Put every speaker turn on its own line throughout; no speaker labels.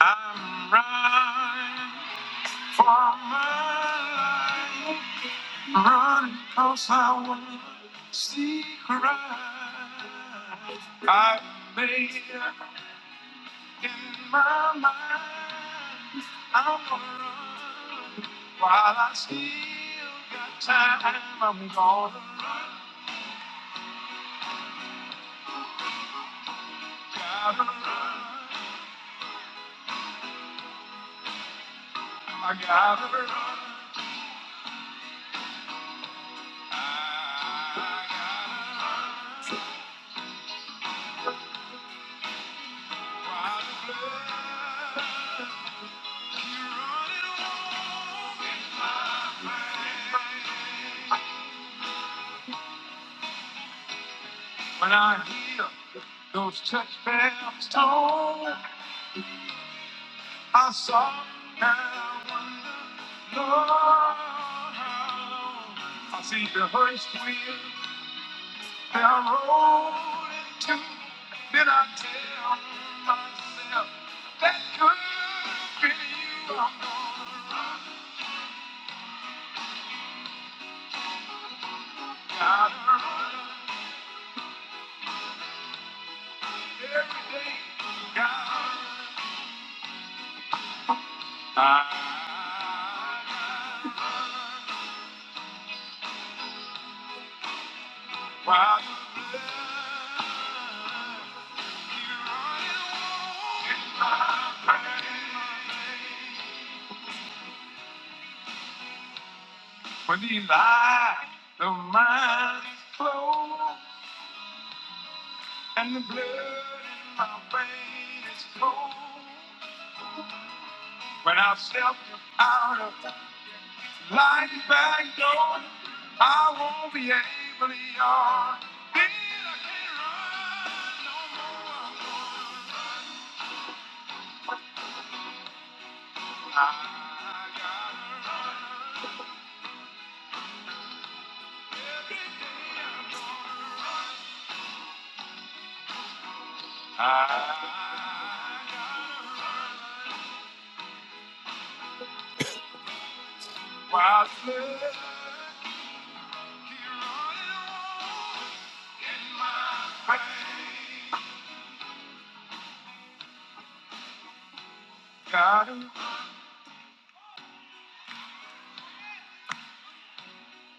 I'm running for my life, running 'cause I want to see Christ. I've made up in my mind, I'm gonna run while I still got time. I'm gonna run, gotta run, I gotta run, I gotta run. When I hear those church bells toll, I saw and wonder, Lord, I see the hearse wheel are rolling too. Then I tell myself that could be you. I'm gonna run, gotta run. When the light of mine is closed and the blood in my veins is cold, when I've stepped out of Like this back door, I won't be able to yawn. Then I can't run no more. I'm gonna run. I gotta run every day I'm gonna run. I gotta run while slick, keep I slip. my to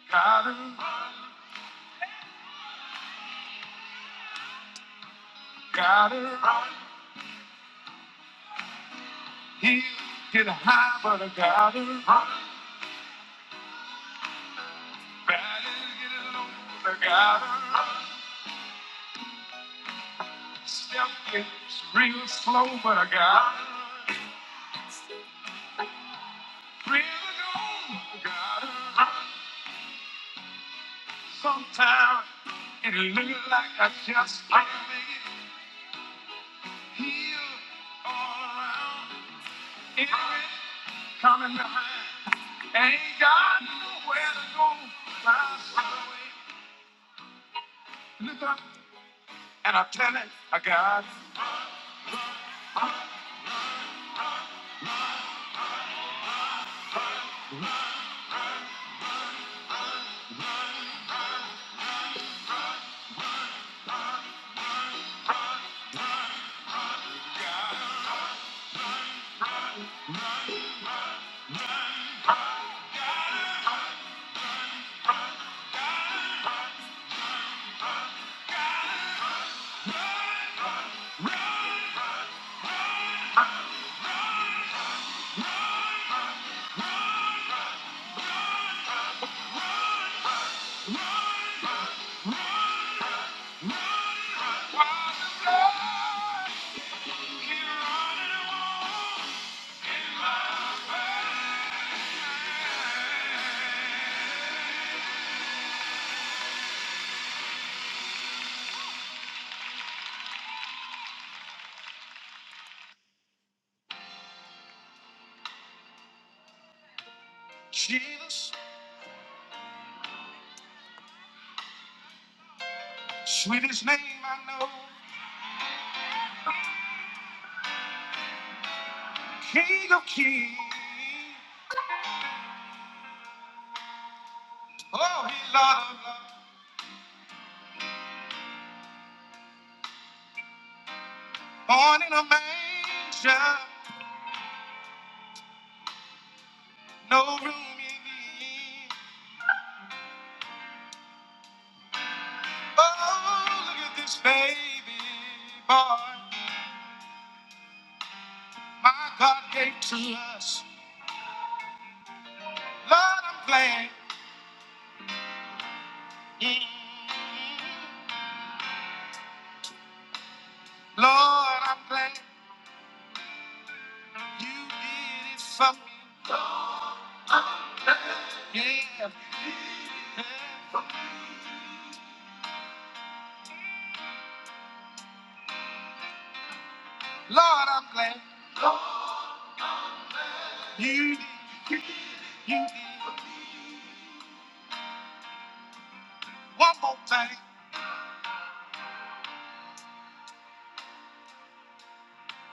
gotta, gotta, gotta run. Hills get high, but I gotta run. Valleys get low, but I gotta run. Step gets real slow, but I gotta run. Really know, I gotta run. Sometimes it looks like I just can't make it. Hills all around, enemies coming behind. Ain't got nowhere to go, but I still wait. Look up, and I tell it, I got it. Jesus, sweetest name I know, King of Kings, oh, he Lord of Lords, born in a manger, no room in the inn. Oh, look at this baby boy, my God gave to us. Lord, I'm glad, mm, Lord, I'm glad you did it for me. Yeah, Lord, I'm glad you, you, one more thing.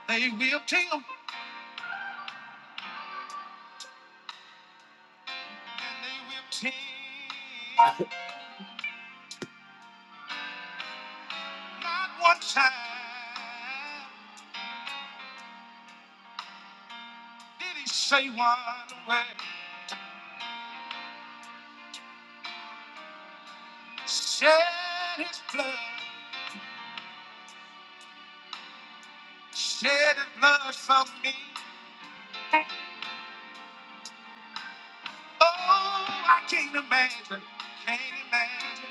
They will tell. And they will team. Not one time did he say one word. Shed his blood, shed his blood for me. Oh, I can't imagine, can't imagine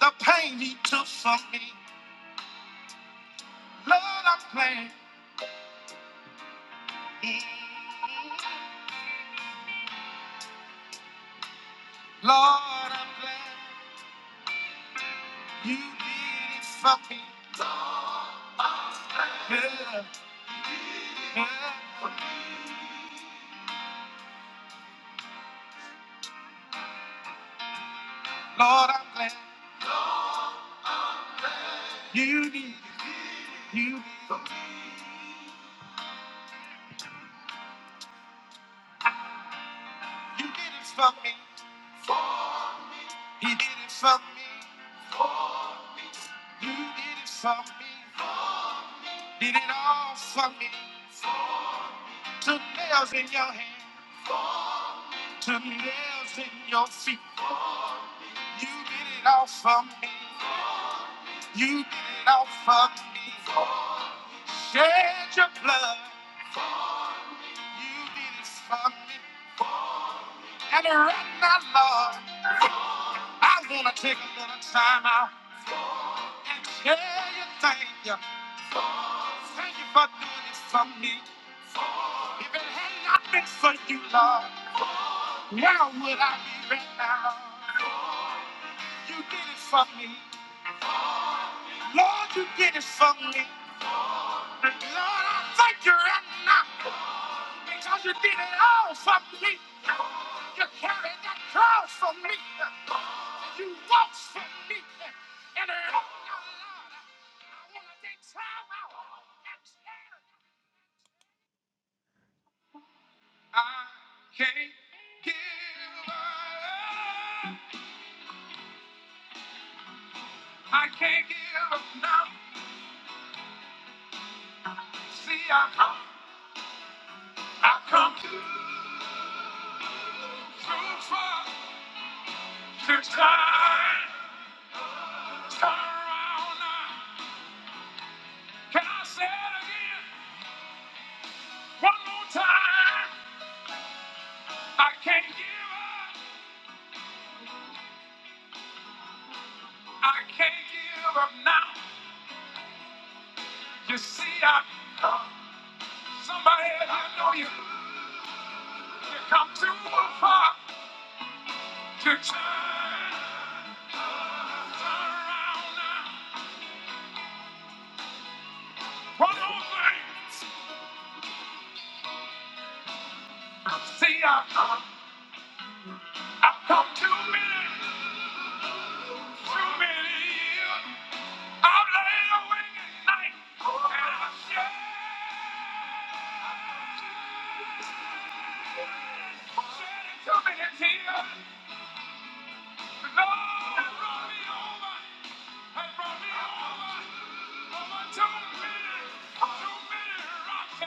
the pain he took for me. Lord, I'm glad. Mm, Lord, I'm glad. You did it for me. Yeah, yeah. Lord, I'm glad you did it. You, did, you did it for me. He did it for me. You did it for me. Did it all for me. Took nails in your hand. Took nails in your feet. You did it all for me. You did it all for me. Shed your blood. You did it for me. And right now, Lord, I want to take a little time out. Yeah, you thank you. Thank you for doing this for me. If it had not been for you, Lord, where would I be right now? You did it for me. Lord, you did it for me. Lord, I thank you right now because you did it all for me. You carried that cross for me. You walked for me. And right now, Lord, I want to take time out and tell you. I can't give up. I can't give up now. See, I come, I come too, too far to turn, turn around now. Can I say it again? One more time. I can't give up. I can't give up now. You see, I come. Somebody, I know you. You come too far. Turn around now. One more thing. See, I, I, I've come too many, too many years. I've laid awake at night and I shed shed too many tears. The Lord brought me over. has brought me over, over to many, to many rocks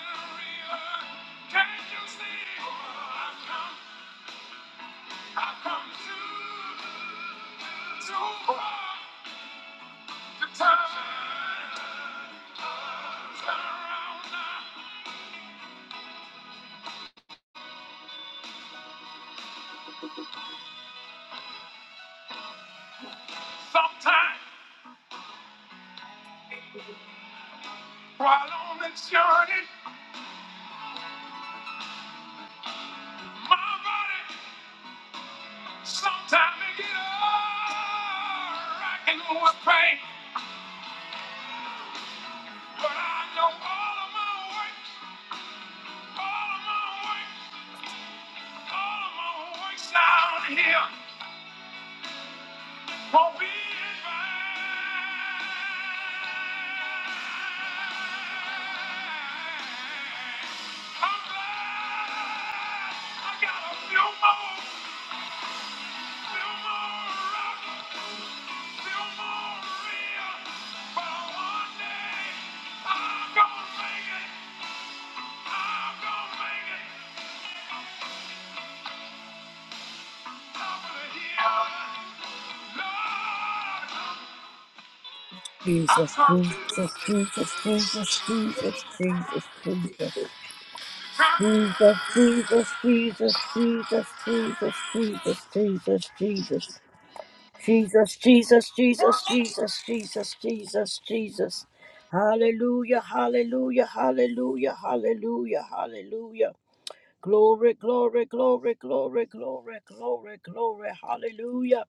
Can't you see? I've come, I've come too, too far to turn around now. Sometimes, while on this journey, my body sometimes it get all rocking with pain. But I know all of my work, all of my work. All of my works down here won't be in vain. I'm glad I got a few more, few more rocks, few more reels. But one day I'm gonna make it. I'm gonna make it. Top of the hill. Lord, I
Jesus, Jesus,
come
Jesus, Jesus, Jesus, Jesus, Jesus, Jesus,
to.
Jesus, Jesus, Jesus, Jesus, Jesus, Jesus, Jesus, Jesus, Jesus, Jesus, Jesus, Jesus, Jesus, Jesus. Hallelujah, hallelujah, hallelujah, hallelujah, hallelujah. Glory, glory, glory, glory, glory, glory, glory, hallelujah.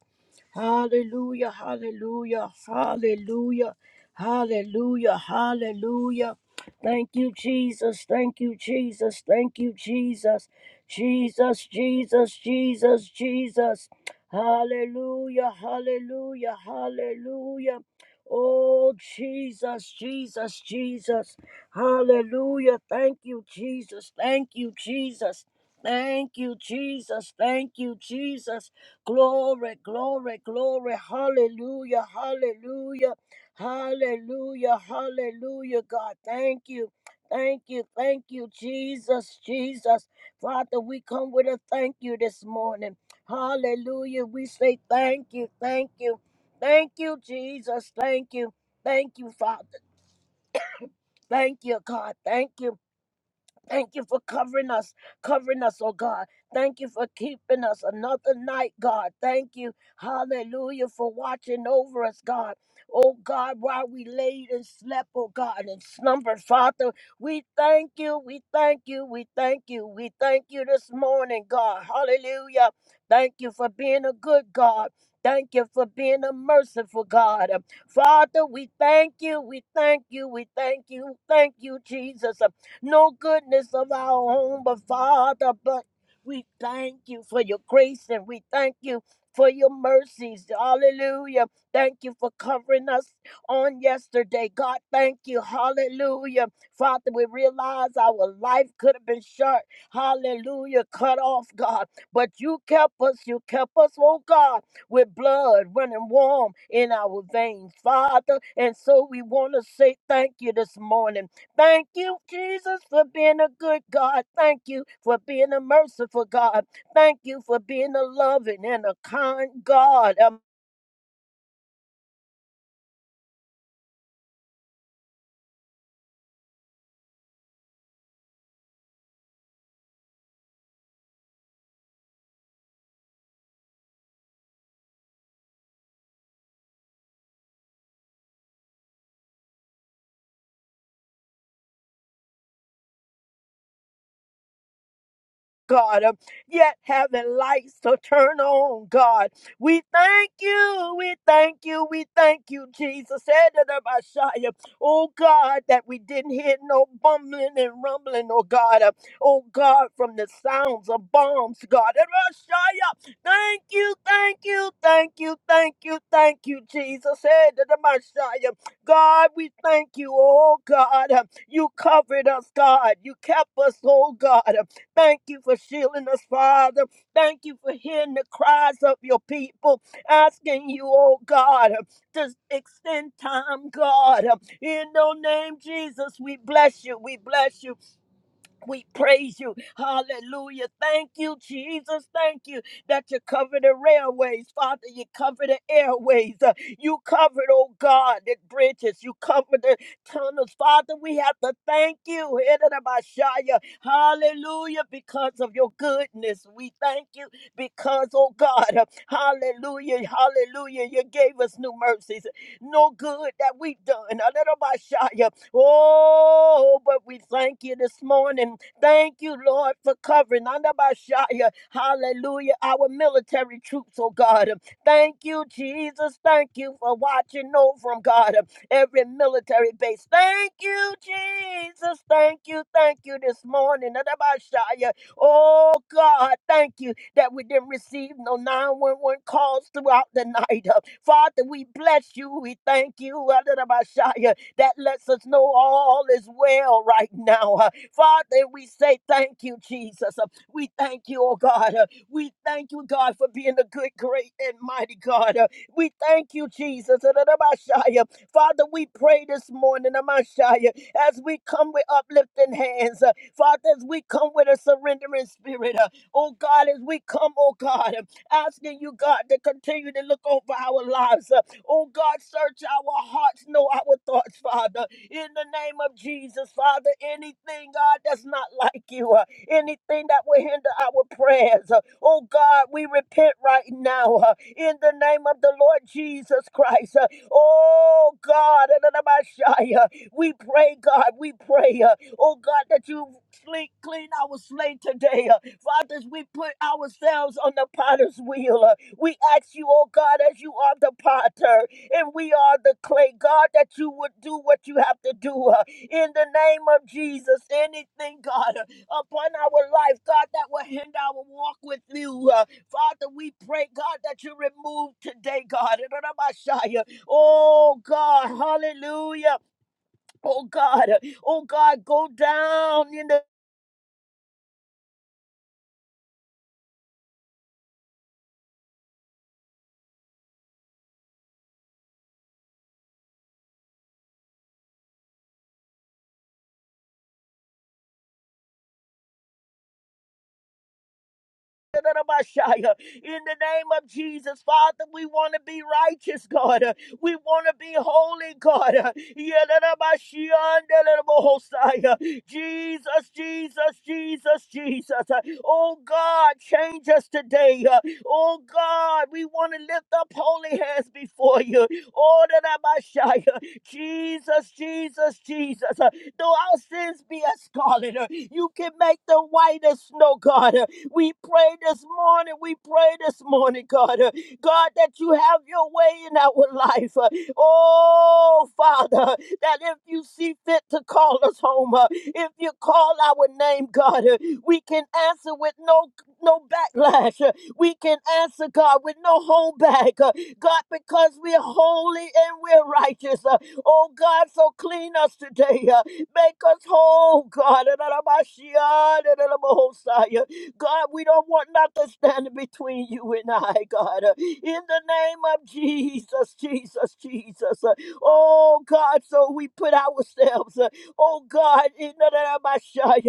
Hallelujah, hallelujah, hallelujah, hallelujah, hallelujah. Thank you, Jesus. Thank you, Jesus. Thank you, Jesus. Jesus, Jesus, Jesus, Jesus. Hallelujah, hallelujah, hallelujah. Oh, Jesus, Jesus, Jesus. Hallelujah. Thank you, Jesus. Thank you, Jesus. Thank you, Jesus. Thank you, Jesus. Glory, glory, glory. Hallelujah. Hallelujah. Hallelujah. Hallelujah. God, thank you. Thank you. Thank you, Jesus. Jesus. Father, we come with a thank you this morning. Hallelujah. We say thank you. Thank you. Thank you, Jesus. Thank you. Thank you, Father. Thank you, God. Thank you. Thank you for covering us, covering us, oh God. Thank you for keeping us another night, God. Thank you, hallelujah, for watching over us, God. Oh God, while we laid and slept, oh God, and slumbered, Father, we thank you, we thank you, we thank you, we thank you this morning, God. Hallelujah. Thank you for being a good God. Thank you for being a merciful God. Father, we thank you, we thank you, we thank you, thank you, Jesus no goodness of our own, but Father, but we thank you for your grace and we thank you for your mercies. Hallelujah. Thank you for covering us on yesterday. God, thank you. Hallelujah. Father, we realize our life could have been short. Hallelujah. Cut off, God. But you kept us. You kept us, oh God, with blood running warm in our veins, Father. And so we want to say thank you this morning. Thank you, Jesus, for being a good God. Thank you for being a merciful God. Thank you for being a loving and a kind God. Um, God, um, yet having lights to turn on, God. We thank you, we thank you, we thank you, Jesus. Edadabashaya. Oh God, that we didn't hear no bumbling and rumbling, oh God. uh, Oh God, from the sounds of bombs, God. Edadabashaya. Thank you, thank you, thank you, thank you, thank you, Jesus. Edadabashaya. God, we thank you, oh God. uh, You covered us, God. You kept us, oh God. um, Thank you for shielding us, Father. Thank you for hearing the cries of your people, asking you, oh God, to extend time, God. In your name, Jesus, we bless you. We bless you. We praise you. Hallelujah. Thank you, Jesus. Thank you that you cover the railways, Father. You cover the airways. Uh, you covered, oh God, the bridges. You covered the tunnels. Father, we have to thank you. Hiddenabashaya. Hallelujah. Because of your goodness. We thank you because, oh God, uh, hallelujah. Hallelujah. You gave us new mercies. No good that we've done. Hiddenabashaya. Oh, but we thank you this morning. Thank you, Lord, for covering under Bashaya. Hallelujah. Our military troops, oh God. Thank you, Jesus. Thank you for watching over 'em, God. Every military base. Thank you, Jesus. Thank you. Thank you this morning. Under Bashaya. Oh God, thank you that we didn't receive no 911 calls throughout the night. Uh, Father, we bless you. We thank you. Adonabashaya that lets us know all is well right now. Uh, Father, we say thank you, Jesus. Uh, We thank you, oh God. Uh, We thank you, God, for being the good, great, and mighty God. Uh, We thank you, Jesus. Uh, da- da- ba- shia. Father, we pray this morning, Amashaya, as we come with uplifting hands. uh, Father, as we come with a surrendering spirit. uh, Oh God, as we come, oh God, uh, asking you, God, to continue to look over our lives. uh, Oh God, search our hearts, know our thoughts, Father. In the name of Jesus, Father, anything, God, that's not like you, uh, anything that will hinder our prayers, uh, oh God, we repent right now. uh, in the name of the Lord Jesus Christ, uh, oh God, we pray, God, we pray, uh, oh God, that you Sleep, clean our slate today. Uh, Father, as we put ourselves on the potter's wheel, uh, we ask you, oh God, as you are the potter and we are the clay, God, that you would do what you have to do. uh, in the name of Jesus, anything, God, uh, upon our life, God, that will hinder our walk with you. uh, Father, we pray, God, that you remove today, God. Oh, God, hallelujah. Oh, God, oh, God, go down in the In the name of Jesus, Father, we want to be righteous, God. We want to be holy, God. Jesus, Jesus, Jesus, Jesus. Oh God, change us today. Oh God, we want to lift up holy hands before you. Oh Jesus, Jesus, Jesus. Though our sins be as scarlet, you can make them white as snow, God. We pray this morning. We pray this morning, God. uh, God, that you have your way in our life. uh, Oh, Father, that if you see fit to call us home, uh, if you call our name, God, uh, we can answer with no no backlash. uh, We can answer, God, with no holdback. uh, God, because we're holy and we're righteous. uh, Oh, God, so clean us today. uh, Make us whole, God. God, we don't want nothing standing between you and I, God. Uh, In the name of Jesus, Jesus, Jesus. Uh, Oh, God, so we put ourselves, uh, oh, God, in the name of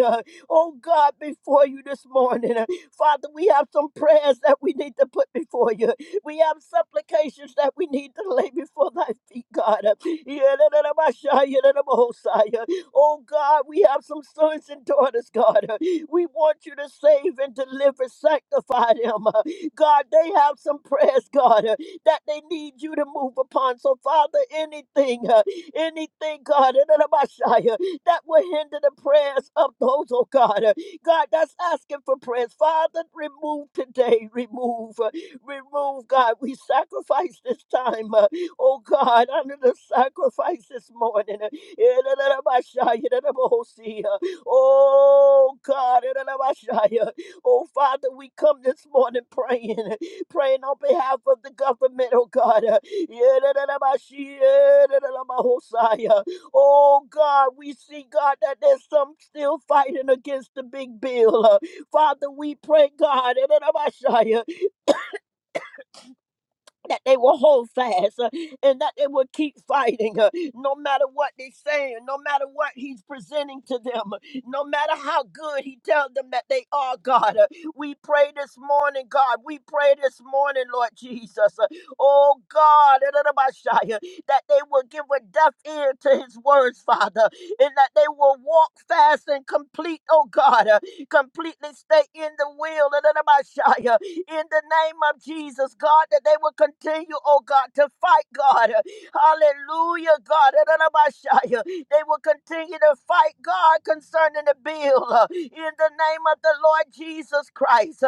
Shia, oh, God, before you this morning. Uh, Father, we have some prayers that we need to put before you. We have supplications that we need to lay before thy feet, God. Uh, yeah, da, da, da, ba, sha, yeah, da, da, ba, ho, sa, yeah. Oh God, we have some sons and daughters, God. Uh, We want you to save and deliver, sanctify them. Uh, God, they have some prayers, God, uh, that they need you to move upon. So, Father, anything, uh, anything, God, in the name of Shia, that will hinder the prayers of those, oh God. uh, God, that's asking for prayers. Father, remove today, remove, uh, remove, God. We sacrifice this time. Oh God, under the sacrifice this morning. Oh God, oh Father, we come this morning praying, praying on behalf of the government, oh God. Oh God, we see, God, that there's some still fighting against the big bill. Father, we pray, God, that they will hold fast uh, and that they will keep fighting uh, no matter what they say, no matter what he's presenting to them uh, no matter how good he tells them that they are god uh, we pray this morning god we pray this morning lord jesus uh, Oh God, that they will give a deaf ear to his words, Father, and that they will walk fast and complete, oh God, uh, completely stay in the will of the In the name of Jesus, God, that they will continue, oh God, to fight, God. Hallelujah, God. of the They will continue to fight, God, concerning the bill. uh, In the name of the Lord Jesus Christ.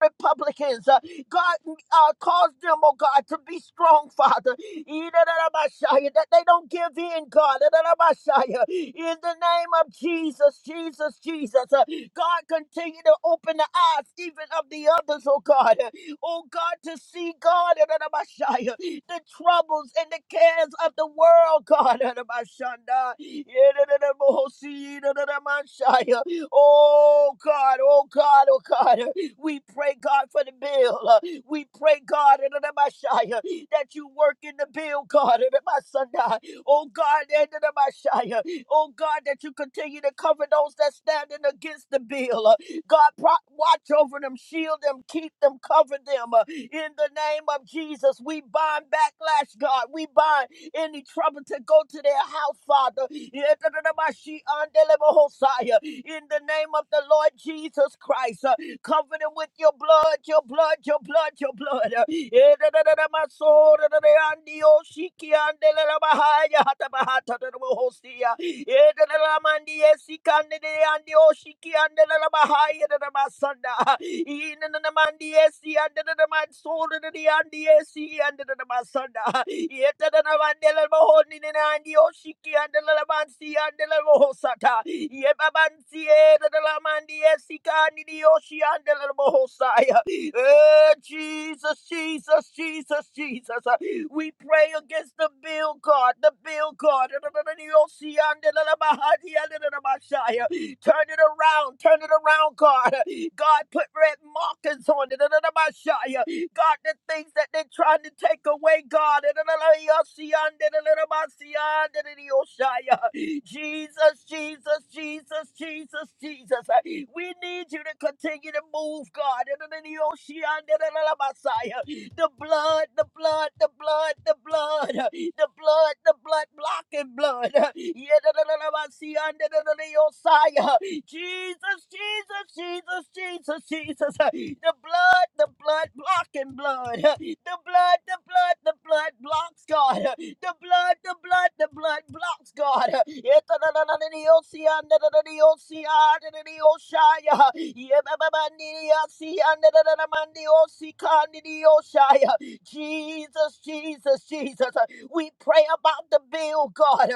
Republicans. Uh, God, uh, cause them, oh God, to be strong, Father. yidda da da That they don't give in, God. da da da In the name of Jesus, Jesus, Jesus. Uh, God, continue to open the eyes even of the others, oh God. Uh, Oh God, to see, God, da da da the troubles and the cares of the world, God. da da ba shanda da da bo da da da Oh God, oh God, oh God. We pray, God, for the bill. Uh, We pray, God, in the name that you work in the bill, God, in the name Oh, God, in the name Oh, God, that you continue to cover those that standing against the bill. Uh, God, pro- watch over them, shield them, keep them, cover them. Uh, In the name of Jesus, we bind backlash, God. We bind any trouble to go to their house, Father. Yetanamashi andelebahosaya. In the name of the Lord Jesus Christ. Uh, Cover them with your blood, your blood, your blood, your blood. Eh, da, da, da, da, my soul, da, da, da, and the Oshiki and the la, la, Bahaya, hata, bahata, da, da, Bohosia. Eh, da, da, da, man, the Esika and the and the Oshiki and the la, la, Bahaya, da, da, Masanda. Eh, na, na, na, man, the Esi and the in the Mansol and the Andi Esi and the Masanda. Yet another Mandela Mahon in an Andi Oshiki and the Lamansea and the Lavosata. Yebabansi and the Lamandi Esika and the Oshi and the Oh, Jesus, Jesus, Jesus, Jesus. uh, We pray against the bill, God, the bill, God. and the Oshi and the Lamahadi and the Mashaya. Turn it around. Turn it around, God. God, put red markers on it. God, the things that they're trying to take away, God. Jesus, Jesus, Jesus, Jesus, Jesus. We need you to continue to move, God. The blood, the blood, the blood, the blood, the blood, the blood, blocking blood. Yedadadadabasiandadadadayosaya. Jesus, Jesus, Jesus, Jesus, Jesus. The blood, the blood, blocking blood. The blood, the blood, the blood blocks God. The blood, the blood, the blood blocks God. Jesus, Jesus, Jesus. We pray about the bill, God.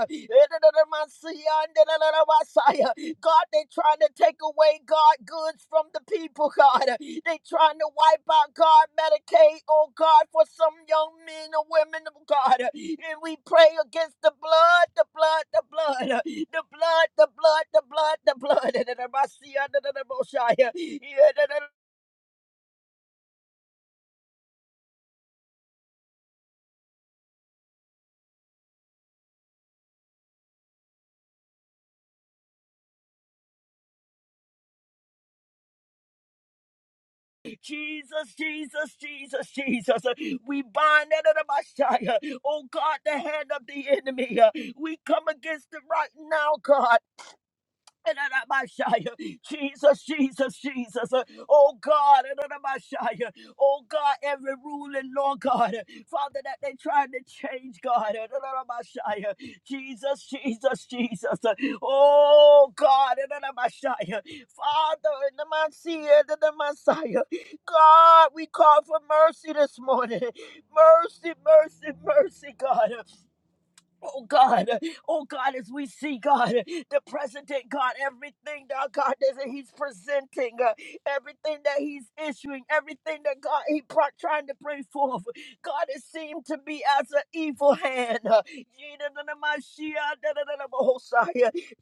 God, they trying to take away God goods from the people, God. They trying to wipe out God Medicaid, oh God, for some young men or women, oh God. And we pray against the blood, the blood, the blood, the blood, the blood, the blood, the blood. And I see under The Moshiach. Yeah, da- da- Jesus, Jesus, Jesus, Jesus. We bind that of our Messiah. Oh God, the hand of the enemy. We come against it right now, God. Jesus, Jesus, Jesus. Oh God, oh God, every rule and law, God, Father, that they tried to change, God. Jesus, Jesus, Jesus. Oh God, Father, in the Messiah, in the Messiah. God, we call for mercy this morning. Mercy, mercy, mercy, God. Oh God, oh God, as we see God, the president, God, everything that God is that He's presenting, uh, everything that He's issuing, everything that God He pro- trying to bring forth, God, it seemed to be as an evil hand. uh,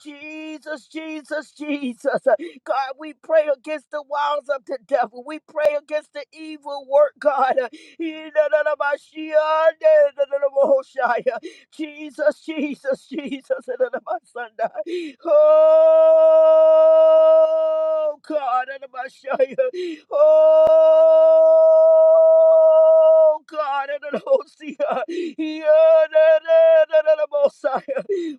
Jesus, Jesus, Jesus, uh, God, we pray against the wiles of the devil. We pray against the evil work, God. uh, Jesus, Jesus, Jesus. and then my son Oh, God. and then my shy- Oh, God. and then I'll see Yeah, yeah, yeah.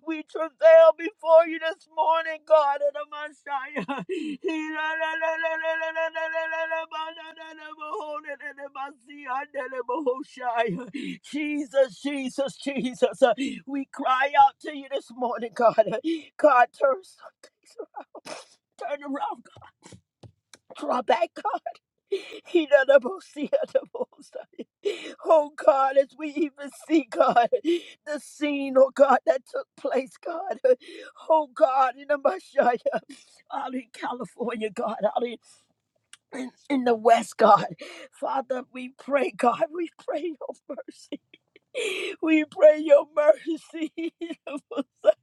We travail before you this morning, God, in the Messiah. Jesus, Jesus, Jesus. We cry out to you this morning, God. God, turn, turn around Draw back, God. He not a bossy, not a bossy. Oh God, as we even see God, the scene, oh God, that took place, God. Oh God, in the Messiah, out in California, God, out in, in the West, God. Father, we pray, God, we pray your mercy. We pray your mercy upon us.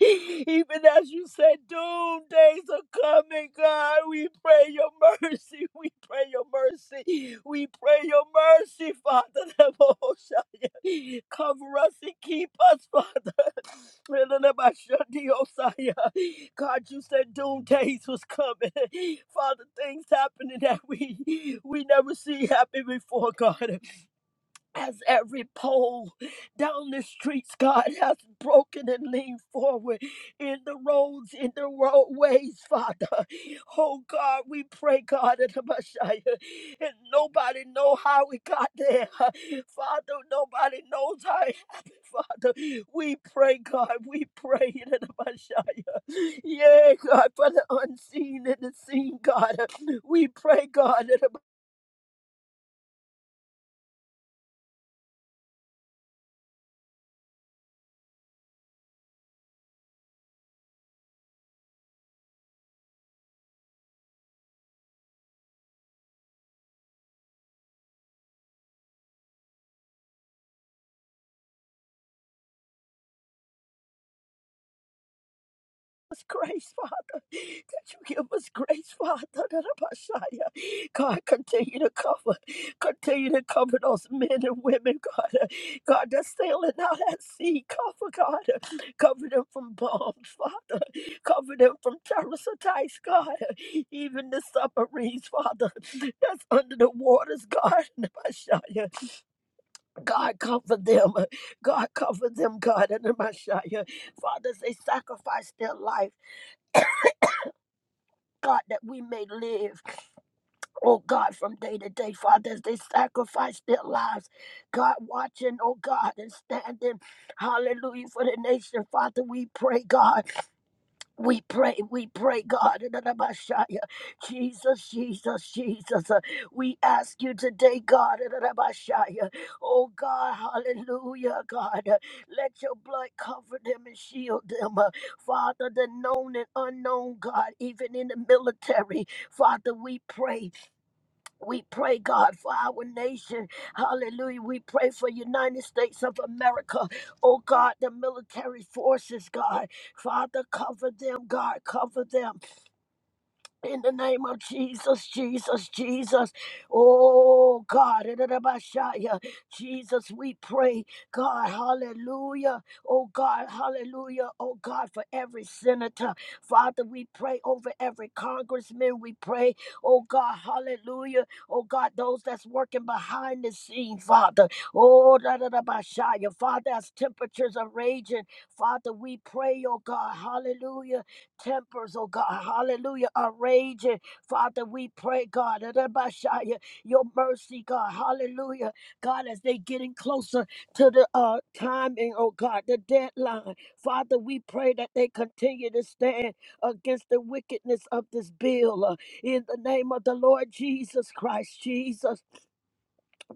even as you said, doom days are coming, God. We pray your mercy. We pray your mercy. We pray your mercy, Father. Cover us and keep us, Father. God, you said doom days was coming. Father, things happening that we we never see happen before, God as every pole down the streets, God, has broken and leaned forward in the roads, in the roadways, Father. Oh God, we pray, God, in the Messiah, and nobody know how we got there, Father. Nobody knows how it happened, Father. We pray, God, we pray in the Messiah. Yeah, God, for the unseen and the seen, God. We pray, God. us grace, Father. That you give us grace, Father. That our Messiah, God, continue to cover, continue to cover those men and women, God. God, that's sailing out at sea. Cover, God. Cover them from bombs, Father. Cover them from terrorist attacks, God. Even the submarines, Father. That's under the waters, God. Messiah. God, cover them. God, cover them, God. And Messiah. Fathers, they sacrifice their life. God, that we may live, oh God, from day to day, Father, as they sacrifice their lives. God, watching, oh God, and standing, hallelujah, for the nation. Father, we pray, God, we pray, we pray, God, in the name of Shia. Jesus, Jesus, Jesus. uh, We ask you today, God, in the name of Shia. oh God, hallelujah, God. uh, Let your blood cover them and shield them. uh, Father, the known and unknown, God, even in the military, Father, we pray we pray, God, for our nation. Hallelujah. We pray for United States of America. Oh, God, the military forces, God. Father, cover them, God. Cover them. In the name of Jesus, Jesus, Jesus. Oh, God. in the Jesus, we pray. God, hallelujah. Oh, God, hallelujah. Oh, God, for every senator. Father, we pray over every congressman. We pray. Oh, God, hallelujah. Oh, God, those that's working behind the scene, Father. Oh, da da Father, as temperatures are raging, Father, we pray, oh, God, hallelujah tempers, oh God, hallelujah, are raging. Father, we pray, God, that Abashaya, your mercy, God, hallelujah. God, as they getting closer to the uh, timing, oh God, the deadline. Father, we pray that they continue to stand against the wickedness of this bill. uh, in the name of the Lord Jesus Christ, Jesus.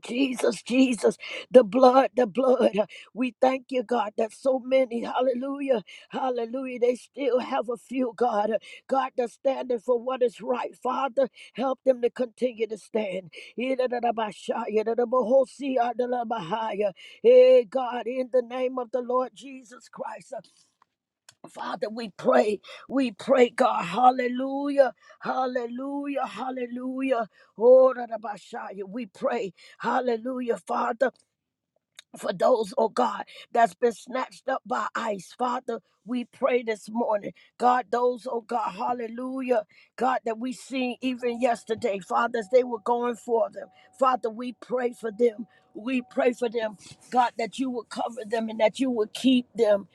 Jesus, Jesus, the blood, the blood. We thank you, God, that so many, hallelujah, hallelujah, they still have a few, God. God, that's standing for what is right. Father, help them to continue to stand. Hey, God, in the name of the Lord Jesus Christ. Father, we pray, we pray, God, hallelujah, hallelujah, hallelujah. Oh, da, da, ba, sha, ya. we pray, hallelujah, Father, for those, oh God, that's been snatched up by ice, Father. We pray this morning, God, those, oh God, hallelujah, God, that we seen even yesterday, Father, as they were going for them. Father, we pray for them. We pray for them, God, that you will cover them and that you will keep them.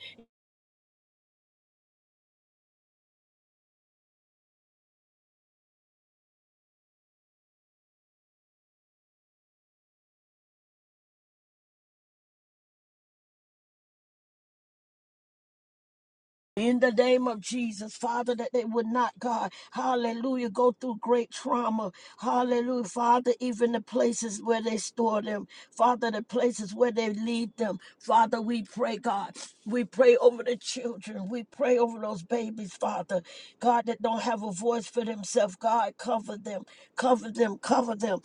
In the name of Jesus, Father, that they would not, God, hallelujah, go through great trauma. Hallelujah, Father, even the places where they store them, Father, the places where they lead them. Father, we pray, God, we pray over the children, we pray over those babies, Father, God, that don't have a voice for themselves. God, cover them, cover them, cover them.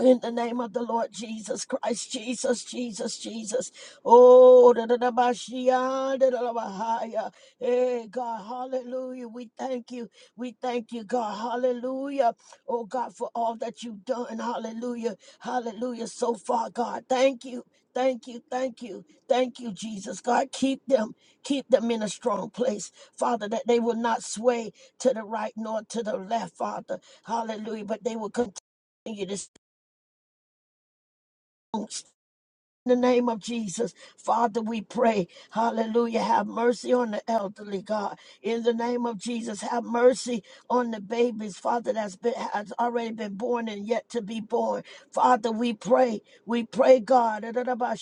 In the name of the Lord Jesus Christ, Jesus, Jesus, Jesus. Oh, da da da ba shia, da da da ba haya. Hey, God, hallelujah. We thank you. We thank you, God, hallelujah. Oh, God, for all that you've done, hallelujah, hallelujah. So far, God, thank you. Thank you, thank you, thank you, Jesus. God, keep them, keep them in a strong place, Father, that they will not sway to the right nor to the left, Father. Hallelujah. But they will continue to in the name of Jesus, Father, we pray. Hallelujah. Have mercy on the elderly, God. In the name of Jesus, have mercy on the babies, Father, that's been has already been born and yet to be born. Father, we pray. We pray, God.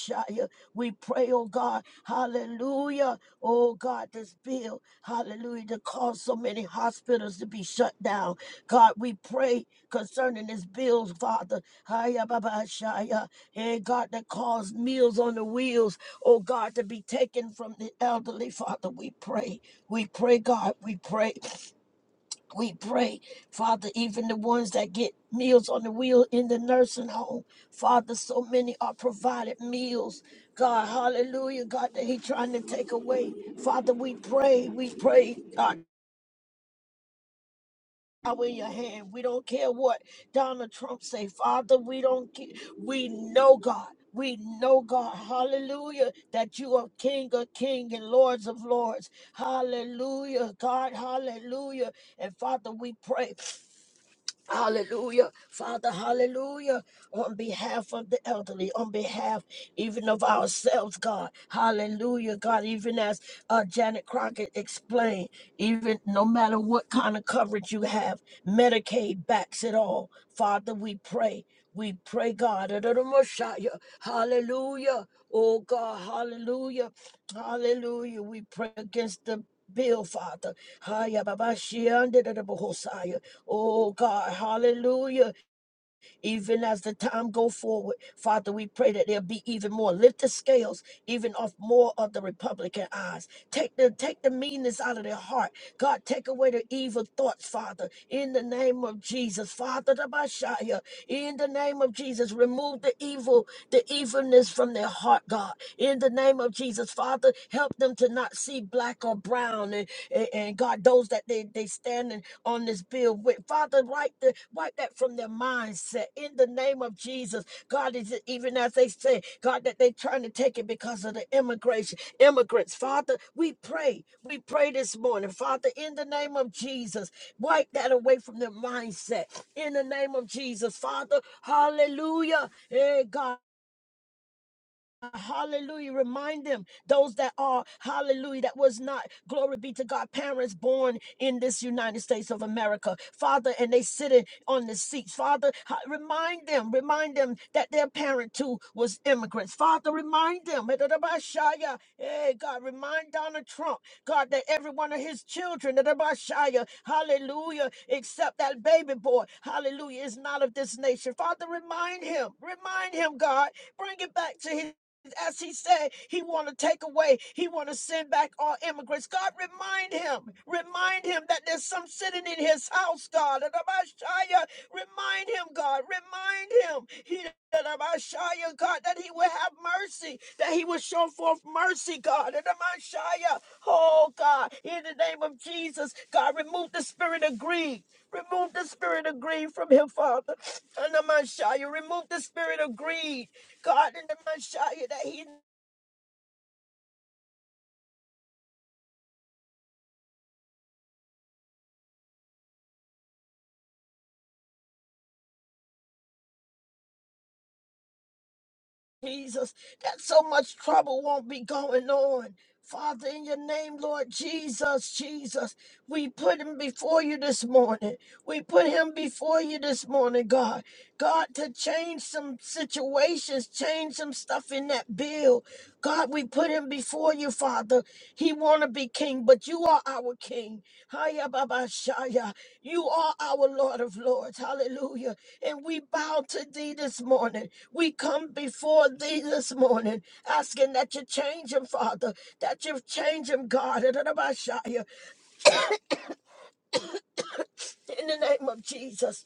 We pray, oh God. Hallelujah. Oh God, this bill. Hallelujah. To cause so many hospitals to be shut down. God, we pray concerning this bill, Father. And God, that caused meals on the wheels, oh God, to be taken from the elderly. Father, we pray. We pray, God, we pray. We pray, Father, even the ones that get meals on the wheel in the nursing home. Father, so many are provided meals. God, hallelujah, God, that He trying to take away. Father, we pray, we pray, God power in your hand. We don't care what Donald Trump say, Father. We don't. Care. We know God. We know God. Hallelujah. That you are King of King and Lords of Lords. Hallelujah, God. Hallelujah. And Father, we pray. Hallelujah. Father, hallelujah. On behalf of the elderly, on behalf even of ourselves, God. Hallelujah, God. Even as uh, Janet Crockett explained, even no matter what kind of coverage you have, Medicaid backs it all. Father, we pray. We pray, God. Adonai-Messiah. Hallelujah. Oh, God. Hallelujah. Hallelujah. We pray against the bill, Father. Haya babashia, Oh God, hallelujah. Even as the time go forward, Father, we pray that there'll be even more. Lift the scales even off more of the Republican eyes. Take the take the meanness out of their heart. God, take away the evil thoughts, Father, in the name of Jesus. Father the Messiah, in the name of Jesus, remove the evil, the evilness from their heart, God. In the name of Jesus, Father, help them to not see black or brown and, and, and God, those that they, they stand in on this bill with. Father, wipe, the, wipe that from their mindset in the name of Jesus. God, is it even as they say, God, that they trying to take it because of the immigration, immigrants. Father, we pray. We pray this morning. Father, in the name of Jesus, wipe that away from their mindset. In the name of Jesus, Father, hallelujah. Hey, God. Hallelujah. Remind them, those that are, hallelujah, that was not, glory be to God, parents born in this United States of America, Father, and they sitting on the seats. Father, ha- remind them, remind them that their parent too was immigrants. Father, remind them, hey, God, remind Donald Trump, God, that every one of his children, hallelujah, except that baby boy, hallelujah, is not of this nation. Father, remind him, remind him, God, bring it back to his as he said he want to take away he want to send back all immigrants god remind him remind him that there's some sitting in his house god and remind him god remind him he that god that he will have mercy that he will show forth mercy god and oh god in the name of jesus god remove the spirit of greed remove the spirit of greed from him father and remove the spirit of greed God in the Messiah that He Jesus, that so much trouble won't be going on. Father, in your name, Lord Jesus, Jesus, we put him before you this morning. We put him before you this morning, God. God, to change some situations, change some stuff in that bill. God, we put him before you, Father. He want to be king, but you are our king. Hiya, Baba Shaya. You are our Lord of Lords. Hallelujah. And we bow to thee this morning. We come before thee this morning, asking that you change him, Father, that you change him, God, in the name of Jesus,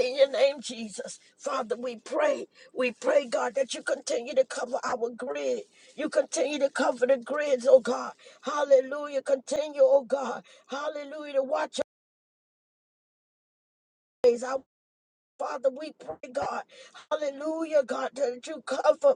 in your name, Jesus. Father, we pray, we pray, God, that you continue to cover our grid. You continue to cover the grids, oh God. Hallelujah. Continue, oh God. Hallelujah. To watch our ways. Our Father, we pray, God. Hallelujah, God, that you cover.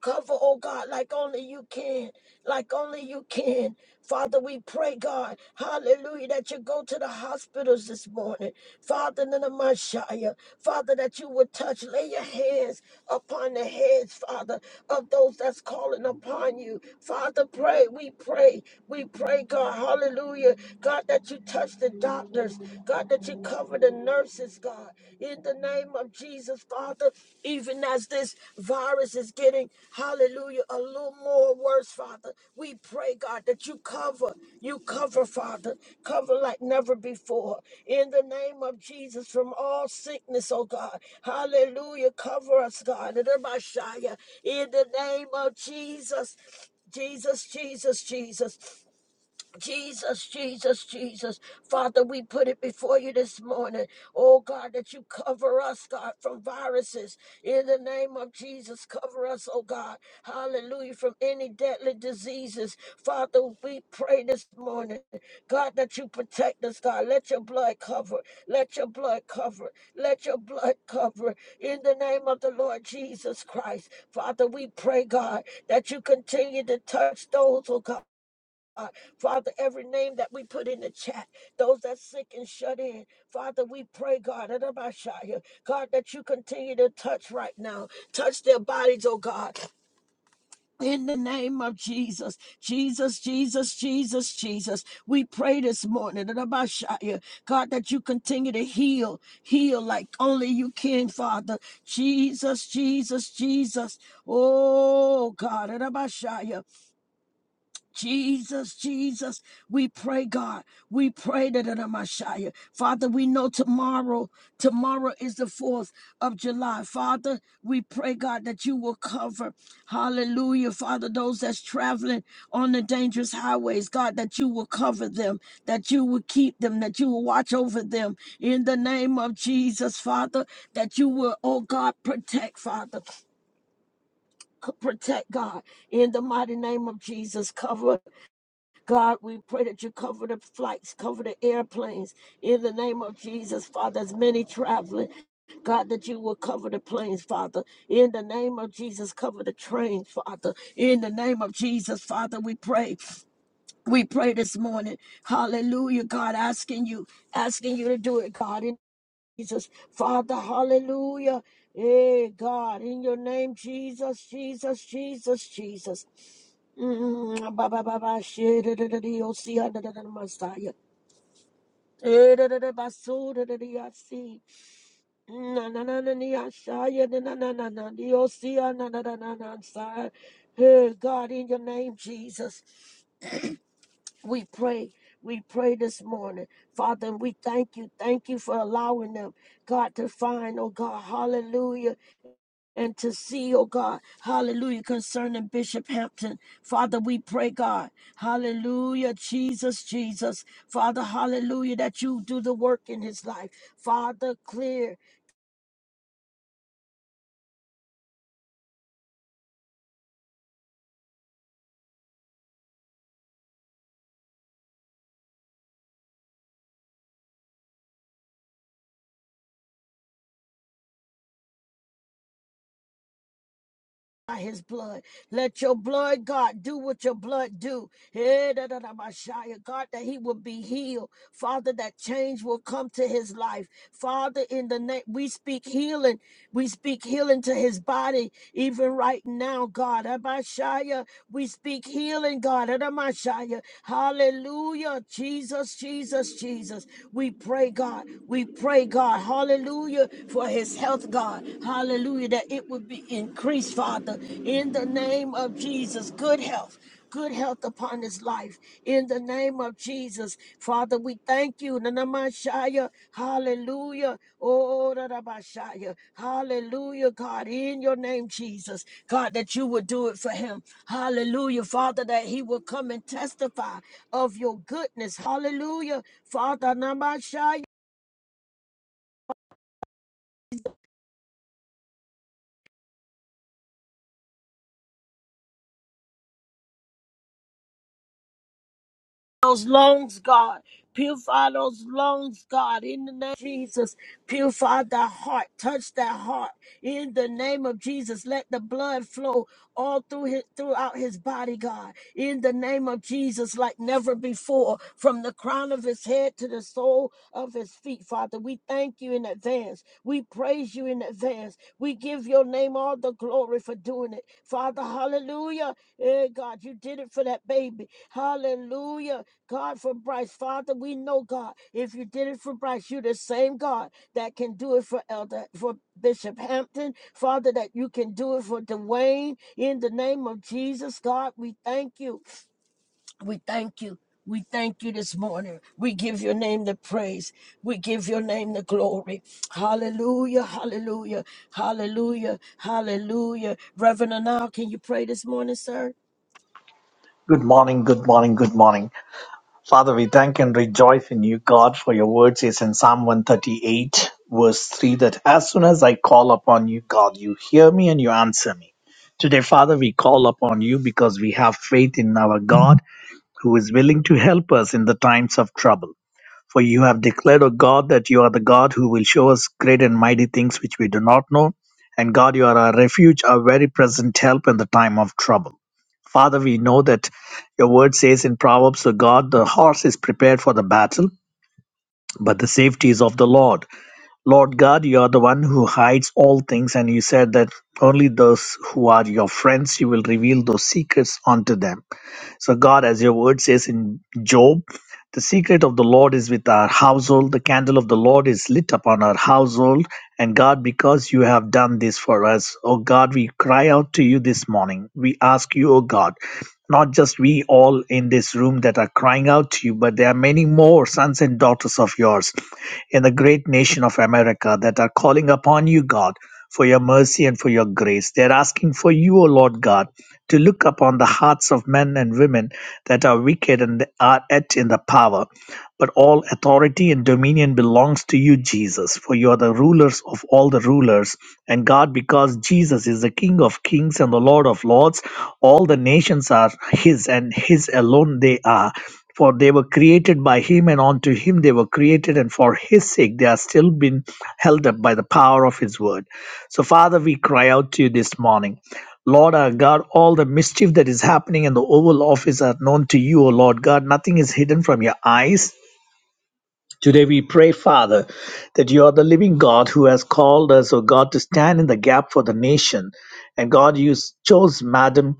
Cover, oh God, like only you can, like only you can. Father, we pray, God, hallelujah, that you go to the hospitals this morning. Father, in the Messiah, Father, that you would touch, lay your hands upon the heads, Father, of those that's calling upon you. Father, pray, we pray, we pray, God, hallelujah, God, that you touch the doctors, God, that you cover the nurses viruses, God. In the name of Jesus, Father, even as this virus is getting, hallelujah, a little more worse, Father, we pray, God, that you cover, you cover, Father, cover like never before. In the name of Jesus, from all sickness, oh God, hallelujah, cover us, God. In the Messiah, in the name of Jesus, Jesus, Jesus, Jesus. Jesus, Jesus, Jesus. Father, we put it before you this morning. Oh God, that you cover us, God, from viruses. In the name of Jesus, cover us, oh God. Hallelujah. From any deadly diseases. Father, we pray this morning, God, that you protect us, God. Let your blood cover. Let your blood cover. Let your blood cover. In the name of the Lord Jesus Christ. Father, we pray, God, that you continue to touch those, oh God. God. Father, every name that we put in the chat, those that sick and shut in, Father, we pray, God, Adabashaya, God, that you continue to touch right now. Touch their bodies, oh God. In the name of Jesus, Jesus, Jesus, Jesus, Jesus, we pray this morning, Adabashaya, God, that you continue to heal, heal like only you can, Father. Jesus, Jesus, Jesus. Oh, God, Adabashaya. Jesus, Jesus, we pray, God. We pray that in the Messiah. Father, we know tomorrow, tomorrow is the 4th of July. Father, we pray, God, that you will cover, hallelujah, Father, those that's traveling on the dangerous highways, God, that you will cover them, that you will keep them, that you will watch over them in the name of Jesus, Father, that you will, oh God, protect, Father, c- protect, God, in the mighty name of Jesus, cover God, we pray that you cover the flights, cover the airplanes in the name of Jesus, Father. As many traveling, God, that you will cover the planes, Father. In the name of Jesus, cover the trains, Father. In the name of Jesus, Father, we pray. We pray this morning. Hallelujah, God, asking you, asking you to do it, God. Jesus. Father, hallelujah. Hey, God, in your name, Jesus, Jesus, Jesus, Jesus. Mm, ba, ba, ba, ba, she, da, da, da, dee, oh, see, ah, da, da, da, da, Messiah. Eh, da, da, da, ba, so, da, da, dee, ah, see. Na, na, na, na, dee, ah, shia, da, na, na, na, na, dee, oh, see, ah, na, na, na, na, na, Messiah. Hey, God, in your name, Jesus, we pray. We pray this morning, Father, and we thank you. Thank you for allowing them, God, to find, oh God, hallelujah and to see, oh God, hallelujah, concerning Bishop Hampton. Father, we pray, God, hallelujah, Jesus, Jesus. Father, hallelujah, that you do the work in his life. Father, clear. By his blood. Let your blood, God, do what your blood do. Eh, da, da, da, Messiah. God, that he will be healed. Father, that change will come to his life. Father, in the name, we speak healing. We speak healing to his body, even right now, God. Abashaya, We speak healing, God. Adamashaya. Hallelujah. Jesus, Jesus, Jesus. We pray, God. We pray, God. Hallelujah. For his health, God. Hallelujah. That it would be increased, Father. In the name of Jesus. Good health good health upon his life. In the name of Jesus, Father, we thank you. Nanamashaya, hallelujah. Oh, Nanamashaya, hallelujah, God, in your name, Jesus. God, that you would do it for him. Hallelujah, Father, that he will come and testify of your goodness. Hallelujah, Father. those lungs, God. Purify those lungs, God, in the name of Jesus. Purify thy heart. Touch that heart in the name of Jesus. Let the blood flow all through his, throughout his body, God, in the name of Jesus, like never before, from the crown of his head to the sole of his feet, Father. We thank you in advance. We praise you you in advance. We give your name all the glory for doing it. Father, hallelujah. Eh, God, you did it for that baby. Hallelujah. God, for Bryce. Father, we know, God, if you did it for Bryce, you the same God that can do it for Elder, for Bishop Hampton. Father, that you can do it for Dwayne. In the name of Jesus, God, we thank you. We thank you. We thank you this morning. We give your name the praise. We give your name the glory. Hallelujah, hallelujah, hallelujah, hallelujah. Reverend Anal, can you pray this morning, sir?
Good morning, good morning, good morning. Father, we thank and rejoice in you, God, for your word says in Psalm 138, verse 3, that as soon as I call upon you, God, you hear me and you answer me. Today, Father, we call upon you because we have faith in our God who is willing to help us in the times of trouble. For you have declared, O God, that you are the God who will show us great and mighty things which we do not know. And God, you are our refuge, our very present help in the time of trouble. Father, we know that your word says in Proverbs, O God, the horse is prepared for the battle, but the safety is of the Lord. Lord God, you are the one who hides all things, and you said that only those who are your friends, you will reveal those secrets unto them. So, God, as your word says in Job, the secret of the Lord is with our household. The candle of the Lord is lit upon our household. And God, because you have done this for us, oh God, we cry out to you this morning. We ask you, oh God. Not just we all in this room that are crying out to you, but there are many more sons and daughters of yours in the great nation of America that are calling upon you, God, for your mercy and for your grace. They're asking for you, O Lord God, to look upon the hearts of men and women that are wicked and are yet in the power. But all authority and dominion belongs to you, Jesus, for you are the rulers of all the rulers. And God, because Jesus is the King of kings and the Lord of lords, all the nations are His, and His alone they are. For they were created by Him, and unto Him they were created, and for His sake they are still being held up by the power of His word. So, Father, we cry out to you this morning. Lord our God, all the mischief that is happening in the Oval Office are known to you, O Lord God. Nothing is hidden from your eyes Today we pray, Father, that you are the living God who has called us, O God, to stand in the gap for the nation. And God, you chose Madam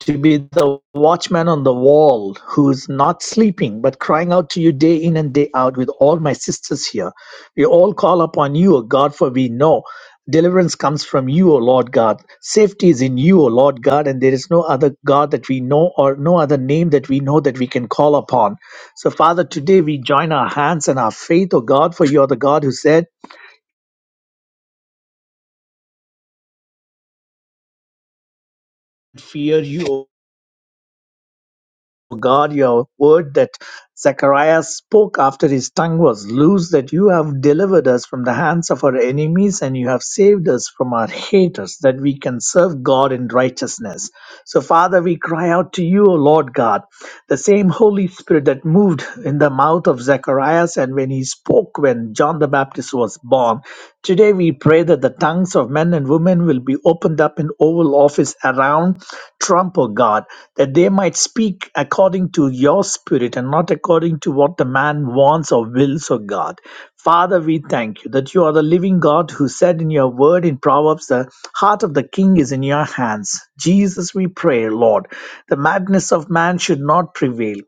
to be the watchman on the wall who's not sleeping but crying out to you day in and day out with all my sisters here. We all call upon you, O God, for we know deliverance comes from you, O Lord God. Safety is in you, O Lord God, and there is no other God that we know or no other name that we know that we can call upon. So, Father, today we join our hands and our faith, O God, for you are the God who said, Fear you, of God, your word that Zechariah spoke after his tongue was loose, that you have delivered us from the hands of our enemies and you have saved us from our haters, that we can serve God in righteousness. So, Father, we cry out to you, O Lord God. The same Holy Spirit that moved in the mouth of Zacharias and when he spoke when John the Baptist was born. Today we pray that the tongues of men and women will be opened up in Oval Office around Trump, O God, that they might speak according to your spirit and not according to what the man wants or wills, O God. Father, we thank you that you are the living God who said in your word in Proverbs, the heart of the king is in your hands. Jesus, we pray, Lord, the madness of man should not prevail.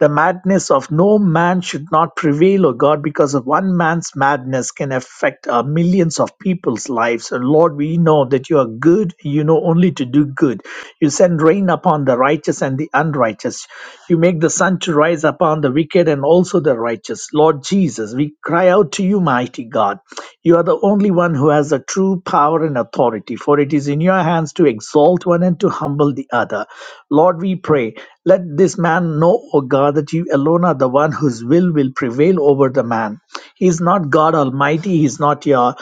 The madness of no man should not prevail, O God, because of one man's madness can affect uh, millions of people's lives. And Lord, we know that you are good. You know only to do good. You send rain upon the righteous and the unrighteous. You make the sun to rise upon the wicked and also the righteous. Lord Jesus, we cry out to you, mighty God. You are the only one who has the true power and authority, for it is in your hands to exalt one and to humble the other. Lord, we pray, let this man know, O God, that you alone are the one whose will will prevail over the man. He is not God Almighty, He is not your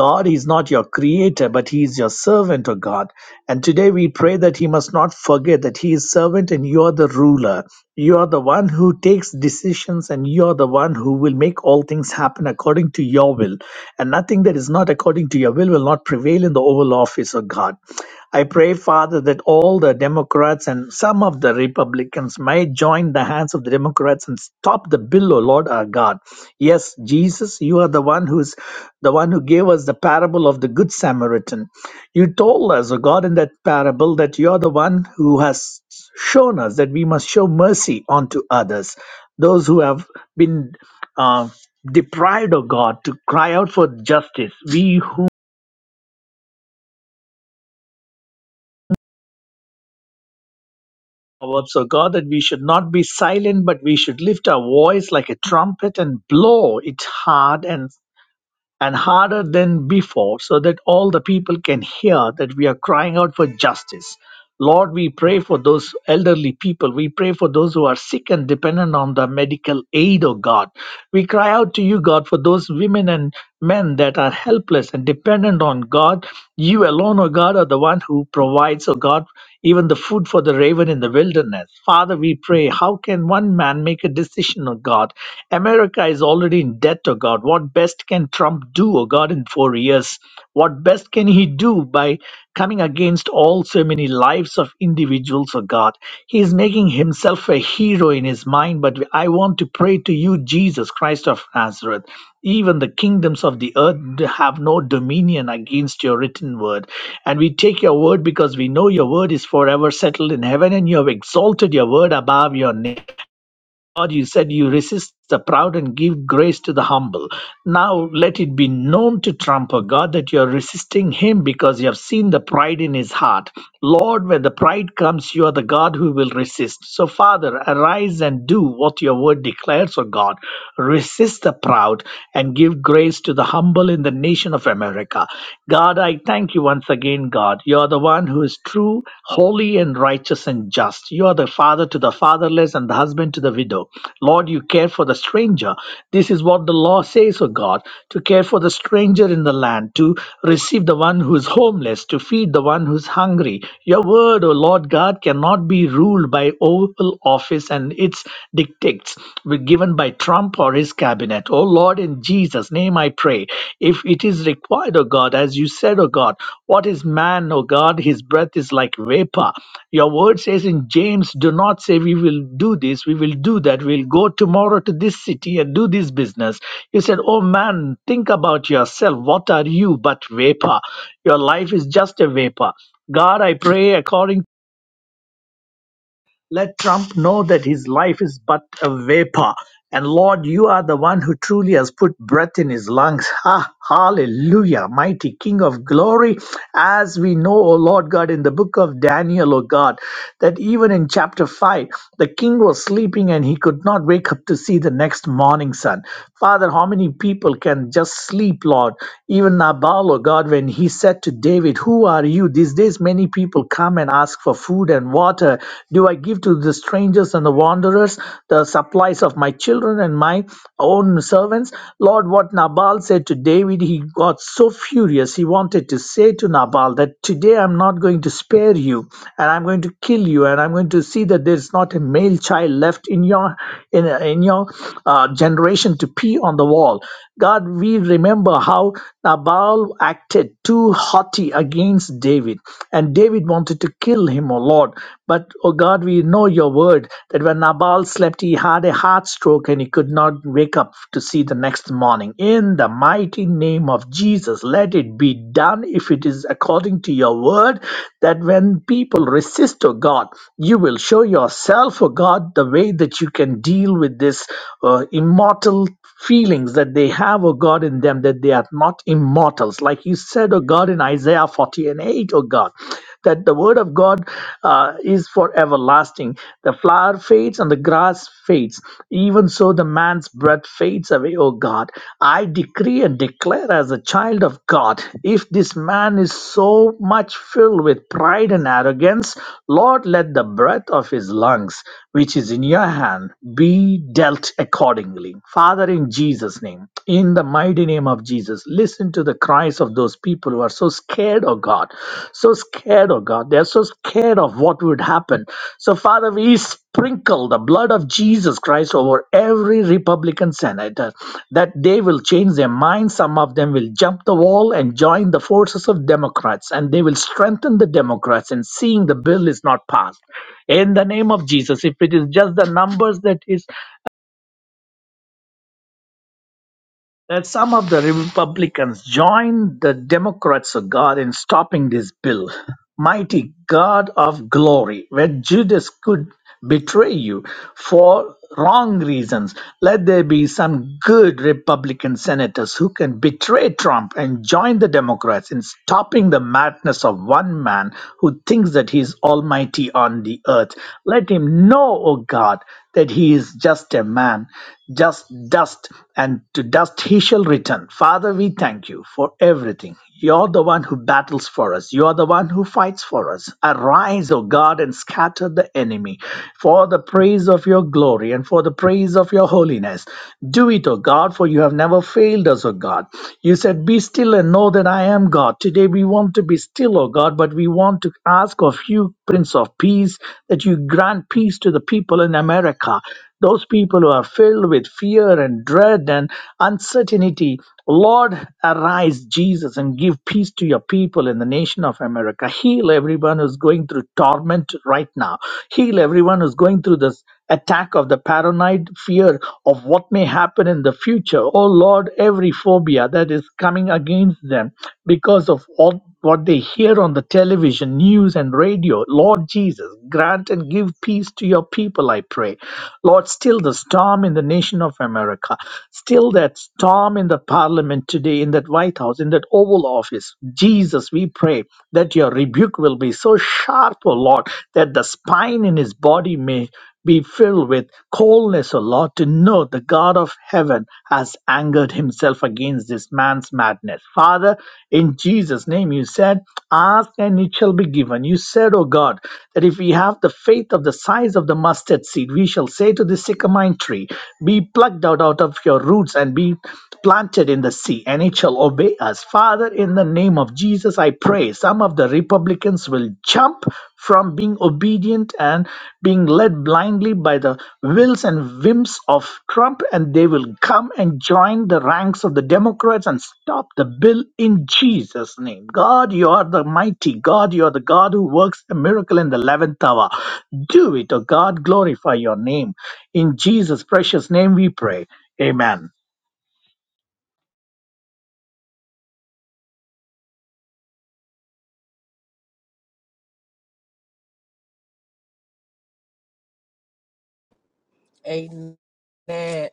God, He is not your creator, but He is your servant, O God. And today we pray that He must not forget that He is servant and you are the ruler. You are the one who takes decisions and you are the one who will make all things happen according to your will. And nothing that is not according to your will will not prevail in the Oval Office, O God. I pray, Father, that all the Democrats and some of the Republicans may join the hands of the Democrats and stop the bill, O Lord our God. Yes, Jesus, you are the one who's the one who gave us the parable of the Good Samaritan. You told us, O God, in that parable that you are the one who has shown us that we must show mercy unto others, those who have been uh, deprived, O God, to cry out for justice. We who Proverbs, O God, that we should not be silent, but we should lift our voice like a trumpet and blow it hard and, and harder than before, so that all the people can hear that we are crying out for justice. Lord, we pray for those elderly people. We pray for those who are sick and dependent on the medical aid, O God. We cry out to you, God, for those women and men that are helpless and dependent on God. You alone, O God, are the one who provides, O God even the food for the raven in the wilderness. Father, we pray, how can one man make a decision, O God? America is already in debt, O God. What best can Trump do, O God, in four years? What best can he do by coming against all so many lives of individuals, O God? He is making himself a hero in his mind, but I want to pray to you, Jesus Christ of Nazareth. Even the kingdoms of the earth have no dominion against your written word. And we take your word because we know your word is forever settled in heaven and you have exalted your word above your name. Lord, you said you resist the proud and give grace to the humble. Now let it be known to Trump, O God, that you are resisting him because you have seen the pride in his heart. Lord, when the pride comes, you are the God who will resist. So, Father, arise and do what your word declares, O God. Resist the proud and give grace to the humble in the nation of America. God, I thank you once again, God. God. You are the one who is true, holy, and righteous and just. You are the father to the fatherless and the husband to the widow. Lord, you care for the stranger. This is what the law says, O God, to care for the stranger in the land, to receive the one who is homeless, to feed the one who is hungry. Your word, O Lord God, cannot be ruled by Oval Office and its dictates given by Trump or his this cabinet. Oh Lord, in Jesus' name I pray. If it is required, oh God, as you said, oh God, what is man, oh God? His breath is like vapor. Your word says in James, do not say we will do this, we will do that, we'll go tomorrow to this city and do this business. You said, Oh man, think about yourself. What are you but vapor? Your life is just a vapor. God, I pray according let Trump know that his life is but a vapor. And Lord, you are the one who truly has put breath in his lungs. Ha, hallelujah, mighty King of glory. As we know, O Lord God, in the book of Daniel, O God, that even in chapter 5, the king was sleeping and he could not wake up to see the next morning sun. Father, how many people can just sleep, Lord? Even Nabal, O God, when he said to David, Who are you? These days, many many people come and ask for food and water? Do I give to the strangers and the wanderers the supplies of my children and my own servants? Lord, what Nabal said to David, he got so furious. He wanted to say to Nabal that today I'm not going to spare you and I'm going to kill you and I'm going to see that there's not a male child left in your in, in your uh, generation to pee on the wall. God, we remember how Nabal Saul acted too haughty against David, and David wanted to kill him, O Lord. But, O God, we know your word that when Nabal slept, he had a heart stroke and he could not wake up to see the next morning. In the mighty name of Jesus, let it be done if it is according to your word that when people resist, O God, you will show yourself, O God, the way that you can deal with this uh, immortal feelings that realize that they have, oh God, in them that they are not immortals. Like you said, O God, in Isaiah 40 and eight, O God, that the word of God uh, is for everlasting. The flower fades and the grass fades. Even so, the man's breath fades away, O God. I decree and declare as a child of God, if this man is so much filled with pride and arrogance, Lord, let the breath of his lungs, which is in your hand, be dealt accordingly. Father, in Jesus' name, in the mighty name of Jesus, listen to the cries of those people who are so scared of God, so scared of God. They're so scared of what would happen. So, Father, we sprinkle the blood of Jesus Christ over every Republican senator that they will change their minds. Some of them will jump the wall and join the forces of Democrats, and they will strengthen the Democrats in seeing the bill is not passed in the name of Jesus. If it is just the numbers that is that some of the Republicans joined the Democrats of God in stopping this bill. Mighty God of glory, when Judas could betray you for wrong reasons, let there be some good Republican senators who can betray Trump and join the Democrats in stopping the madness of one man who thinks that he is almighty on the earth. Let him know, O God, that he is just a man, just dust, and and to dust he shall return. Father, we thank you for everything. You're the one who battles for us. You're the one who fights for us. Arise, O God, and scatter the enemy for the praise of your glory and for the praise of your holiness. Do it, O God, for you have never failed us, O God. You said, Be still and know that I am God. Today we want to be still, O God, but we want to ask of you, Prince of Peace, that you grant peace to the people in America. Those people who are filled with fear and dread and uncertainty, Lord, arise, Jesus, and give peace to your people in the nation of America. Heal everyone who's going through torment right now. Heal everyone who's going through this attack of the paranoid fear of what may happen in the future. Oh Lord, every phobia that is coming against them because of all what they hear on the television, news, and radio. Lord Jesus, grant and give peace to your people, I pray. Lord. Lord, still the storm in the nation of America, still that storm in the parliament today, in that White House, in that Oval Office. Jesus, we pray that your rebuke will be so sharp, O Lord, that the spine in his body may be filled with coldness, O Lord, to know the God of heaven has angered himself against this man's madness. Father, in Jesus' name, you said, Ask and it shall be given. You said, O God, that if we have the faith of the size of the mustard seed, we shall say, away to the sycamine tree. Be plucked out, out of your roots and be planted in the sea, and it shall obey us. Father, in the name of Jesus, I pray some of the Republicans will jump from being obedient and being led blindly by the wills and whims of Trump, and they will come and join the ranks of the Democrats and stop the bill in Jesus' name. God, you are the mighty God. You are the God who works a miracle in the 11th hour. Do it, O God. Glorify your name. In Jesus' precious name we pray. Amen.
Amen. Amen.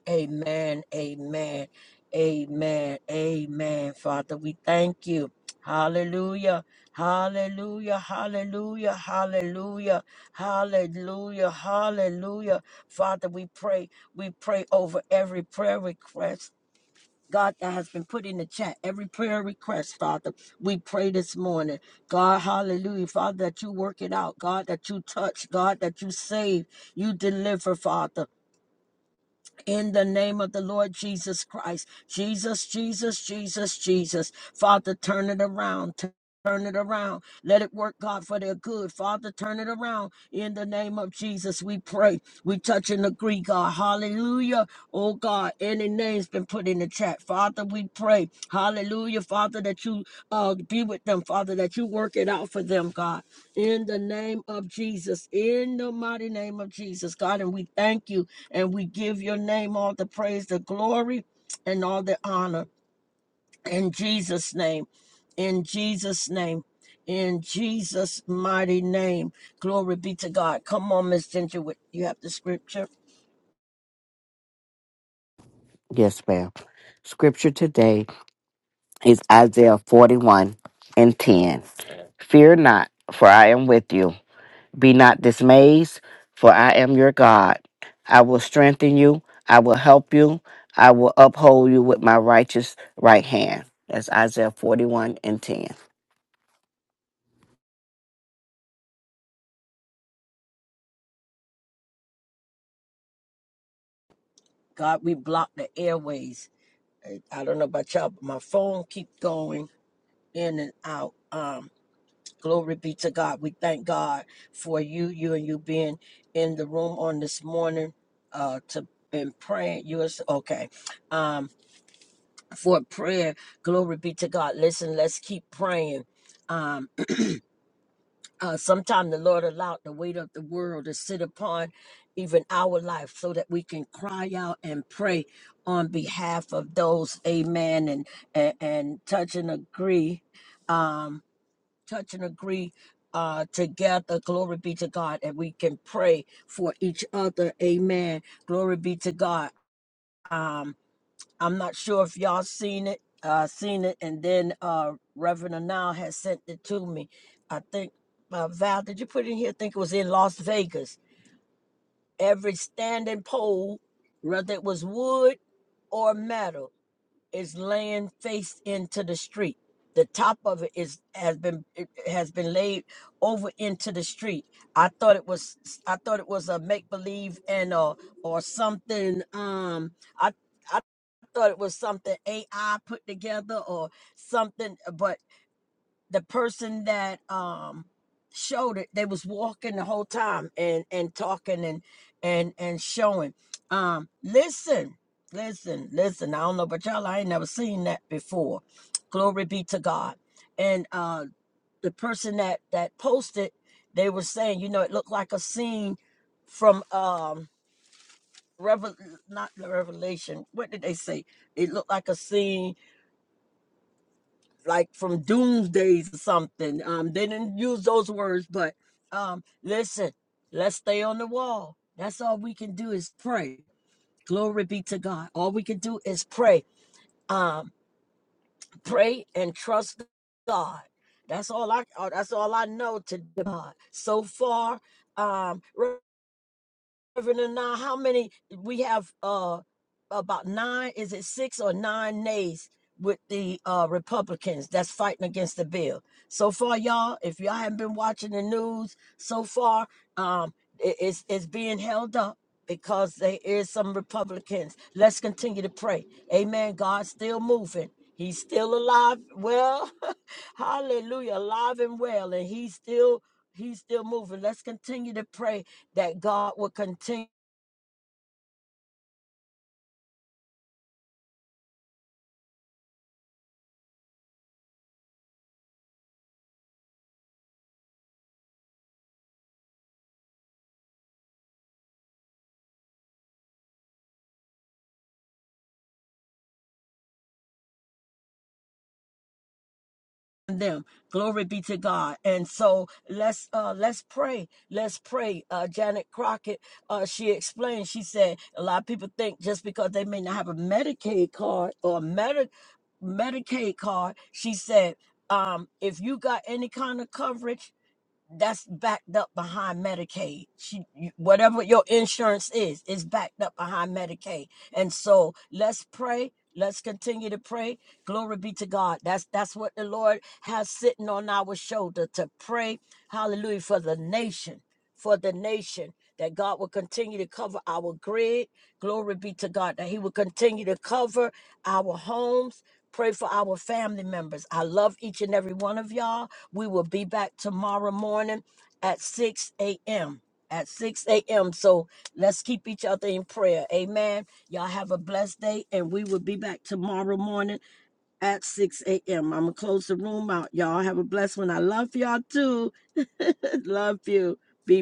Amen. Amen. Amen. Father, we thank you. Hallelujah. Hallelujah. Hallelujah. Hallelujah. Hallelujah. Hallelujah. Father, we pray. We pray over every prayer request. God, that has been put in the chat. Every prayer request, Father, we pray this morning. God, hallelujah. Father, that you work it out. God, that you touch. God, that you save. You deliver, Father in the name of the Lord Jesus Christ. Jesus, Jesus, Jesus, Jesus. Father, turn it around. Tu- Turn it around. Let it work, God, for their good. Father, turn it around. In the name of Jesus, we pray. We touch and agree, God. Hallelujah. Oh God, any names been put in the chat. Father, we pray. Hallelujah, Father, that you uh be with them, Father, that you work it out for them, God. In the name of Jesus, in the mighty name of Jesus, God, and we thank you and we give your name all the praise, the glory, and all the honor. In Jesus' name, in Jesus' name. In Jesus' mighty name, glory be to God. Come on, Miss Ginger, with- you have the scripture.
Yes, ma'am. Scripture today is Isaiah 41 and 10. Fear not, for I am with you. Be not dismayed, for I am your God. I will strengthen you, I will help you, I will uphold you with my righteous right hand. That's Isaiah 41 and 10.
God, we block the airways I don't know about y'all, but my phone keep going in and out. Um, glory be to God. We thank God for you, you and you being in the room on this morning. Uh, to been praying. You is okay. Um, for prayer. Glory be to God. Listen, let's keep praying. Um, Uh, sometime the Lord allowed the weight of the world to sit upon even our life so that we can cry out and pray on behalf of those, amen, and and, and touch and agree, um, touch and agree uh, together. Glory be to God, and we can pray for each other, amen. Glory be to God. Um, I'm not sure if y'all seen it. Uh, seen it, and then uh, Reverend Anal has sent it to me. I think uh, Val, did you put it in here? I think it was in Las Vegas. Every standing pole, whether it was wood or metal, is laying face into the street. The top of it is has been it has been laid over into the street. I thought it was I thought it was a make believe and or or something. Um, I thought it was something AI put together or something, uh, but the person that um showed it, they was walking the whole time and and talking and and and showing. Um, listen, listen, listen. I don't know about y'all, I ain't never seen that before. Glory be to God. And uh the person that that posted, they were saying, you know, it looked like a scene from um Revel not the Revelation. What did they say? It looked like a scene like from doomsdays or something. Um, they didn't use those words, but um, listen, let's stay on the wall. That's all we can do is pray. Glory be to God. All we can do is pray. Um, pray and trust God. That's all I. uh, That's all I know to God so far. Um, Reverend now how many we have uh about nine, is it six or nine nays with the uh Republicans that's fighting against the bill. So far, y'all, if y'all haven't been watching the news so far, um it- it's it's being held up because there is some Republicans. Let's continue to pray. Amen. God's still moving. He's still alive. Well, hallelujah, alive and well, and he's still he's still moving. Let's continue to pray that God will continue them. Glory be to God. And so let's uh let's pray. Let's pray. Uh Janet Crockett, uh she explained, she said a lot of people think just because they may not have a Medicaid card or a Medi- Medicaid card, she said, um, if you got any kind of coverage, that's backed up behind Medicaid. She, you- whatever your insurance is, is backed up behind Medicaid. And so let's pray. Let's continue to pray. Glory be to God. That's that's what the Lord has sitting on our shoulder to pray. Hallelujah for the nation for the nation, that God will continue to cover our grid. Glory be to God, that He will continue to cover our homes. Pray for our family members. I love each and every one of y'all. We will be back tomorrow morning at 6 a.m. At 6 a.m. So let's keep each other in prayer. Amen. Y'all have a blessed day, and we will be back tomorrow morning at 6 a.m. I'm going to close the room out. Y'all have a blessed one. I love y'all too. love you. Be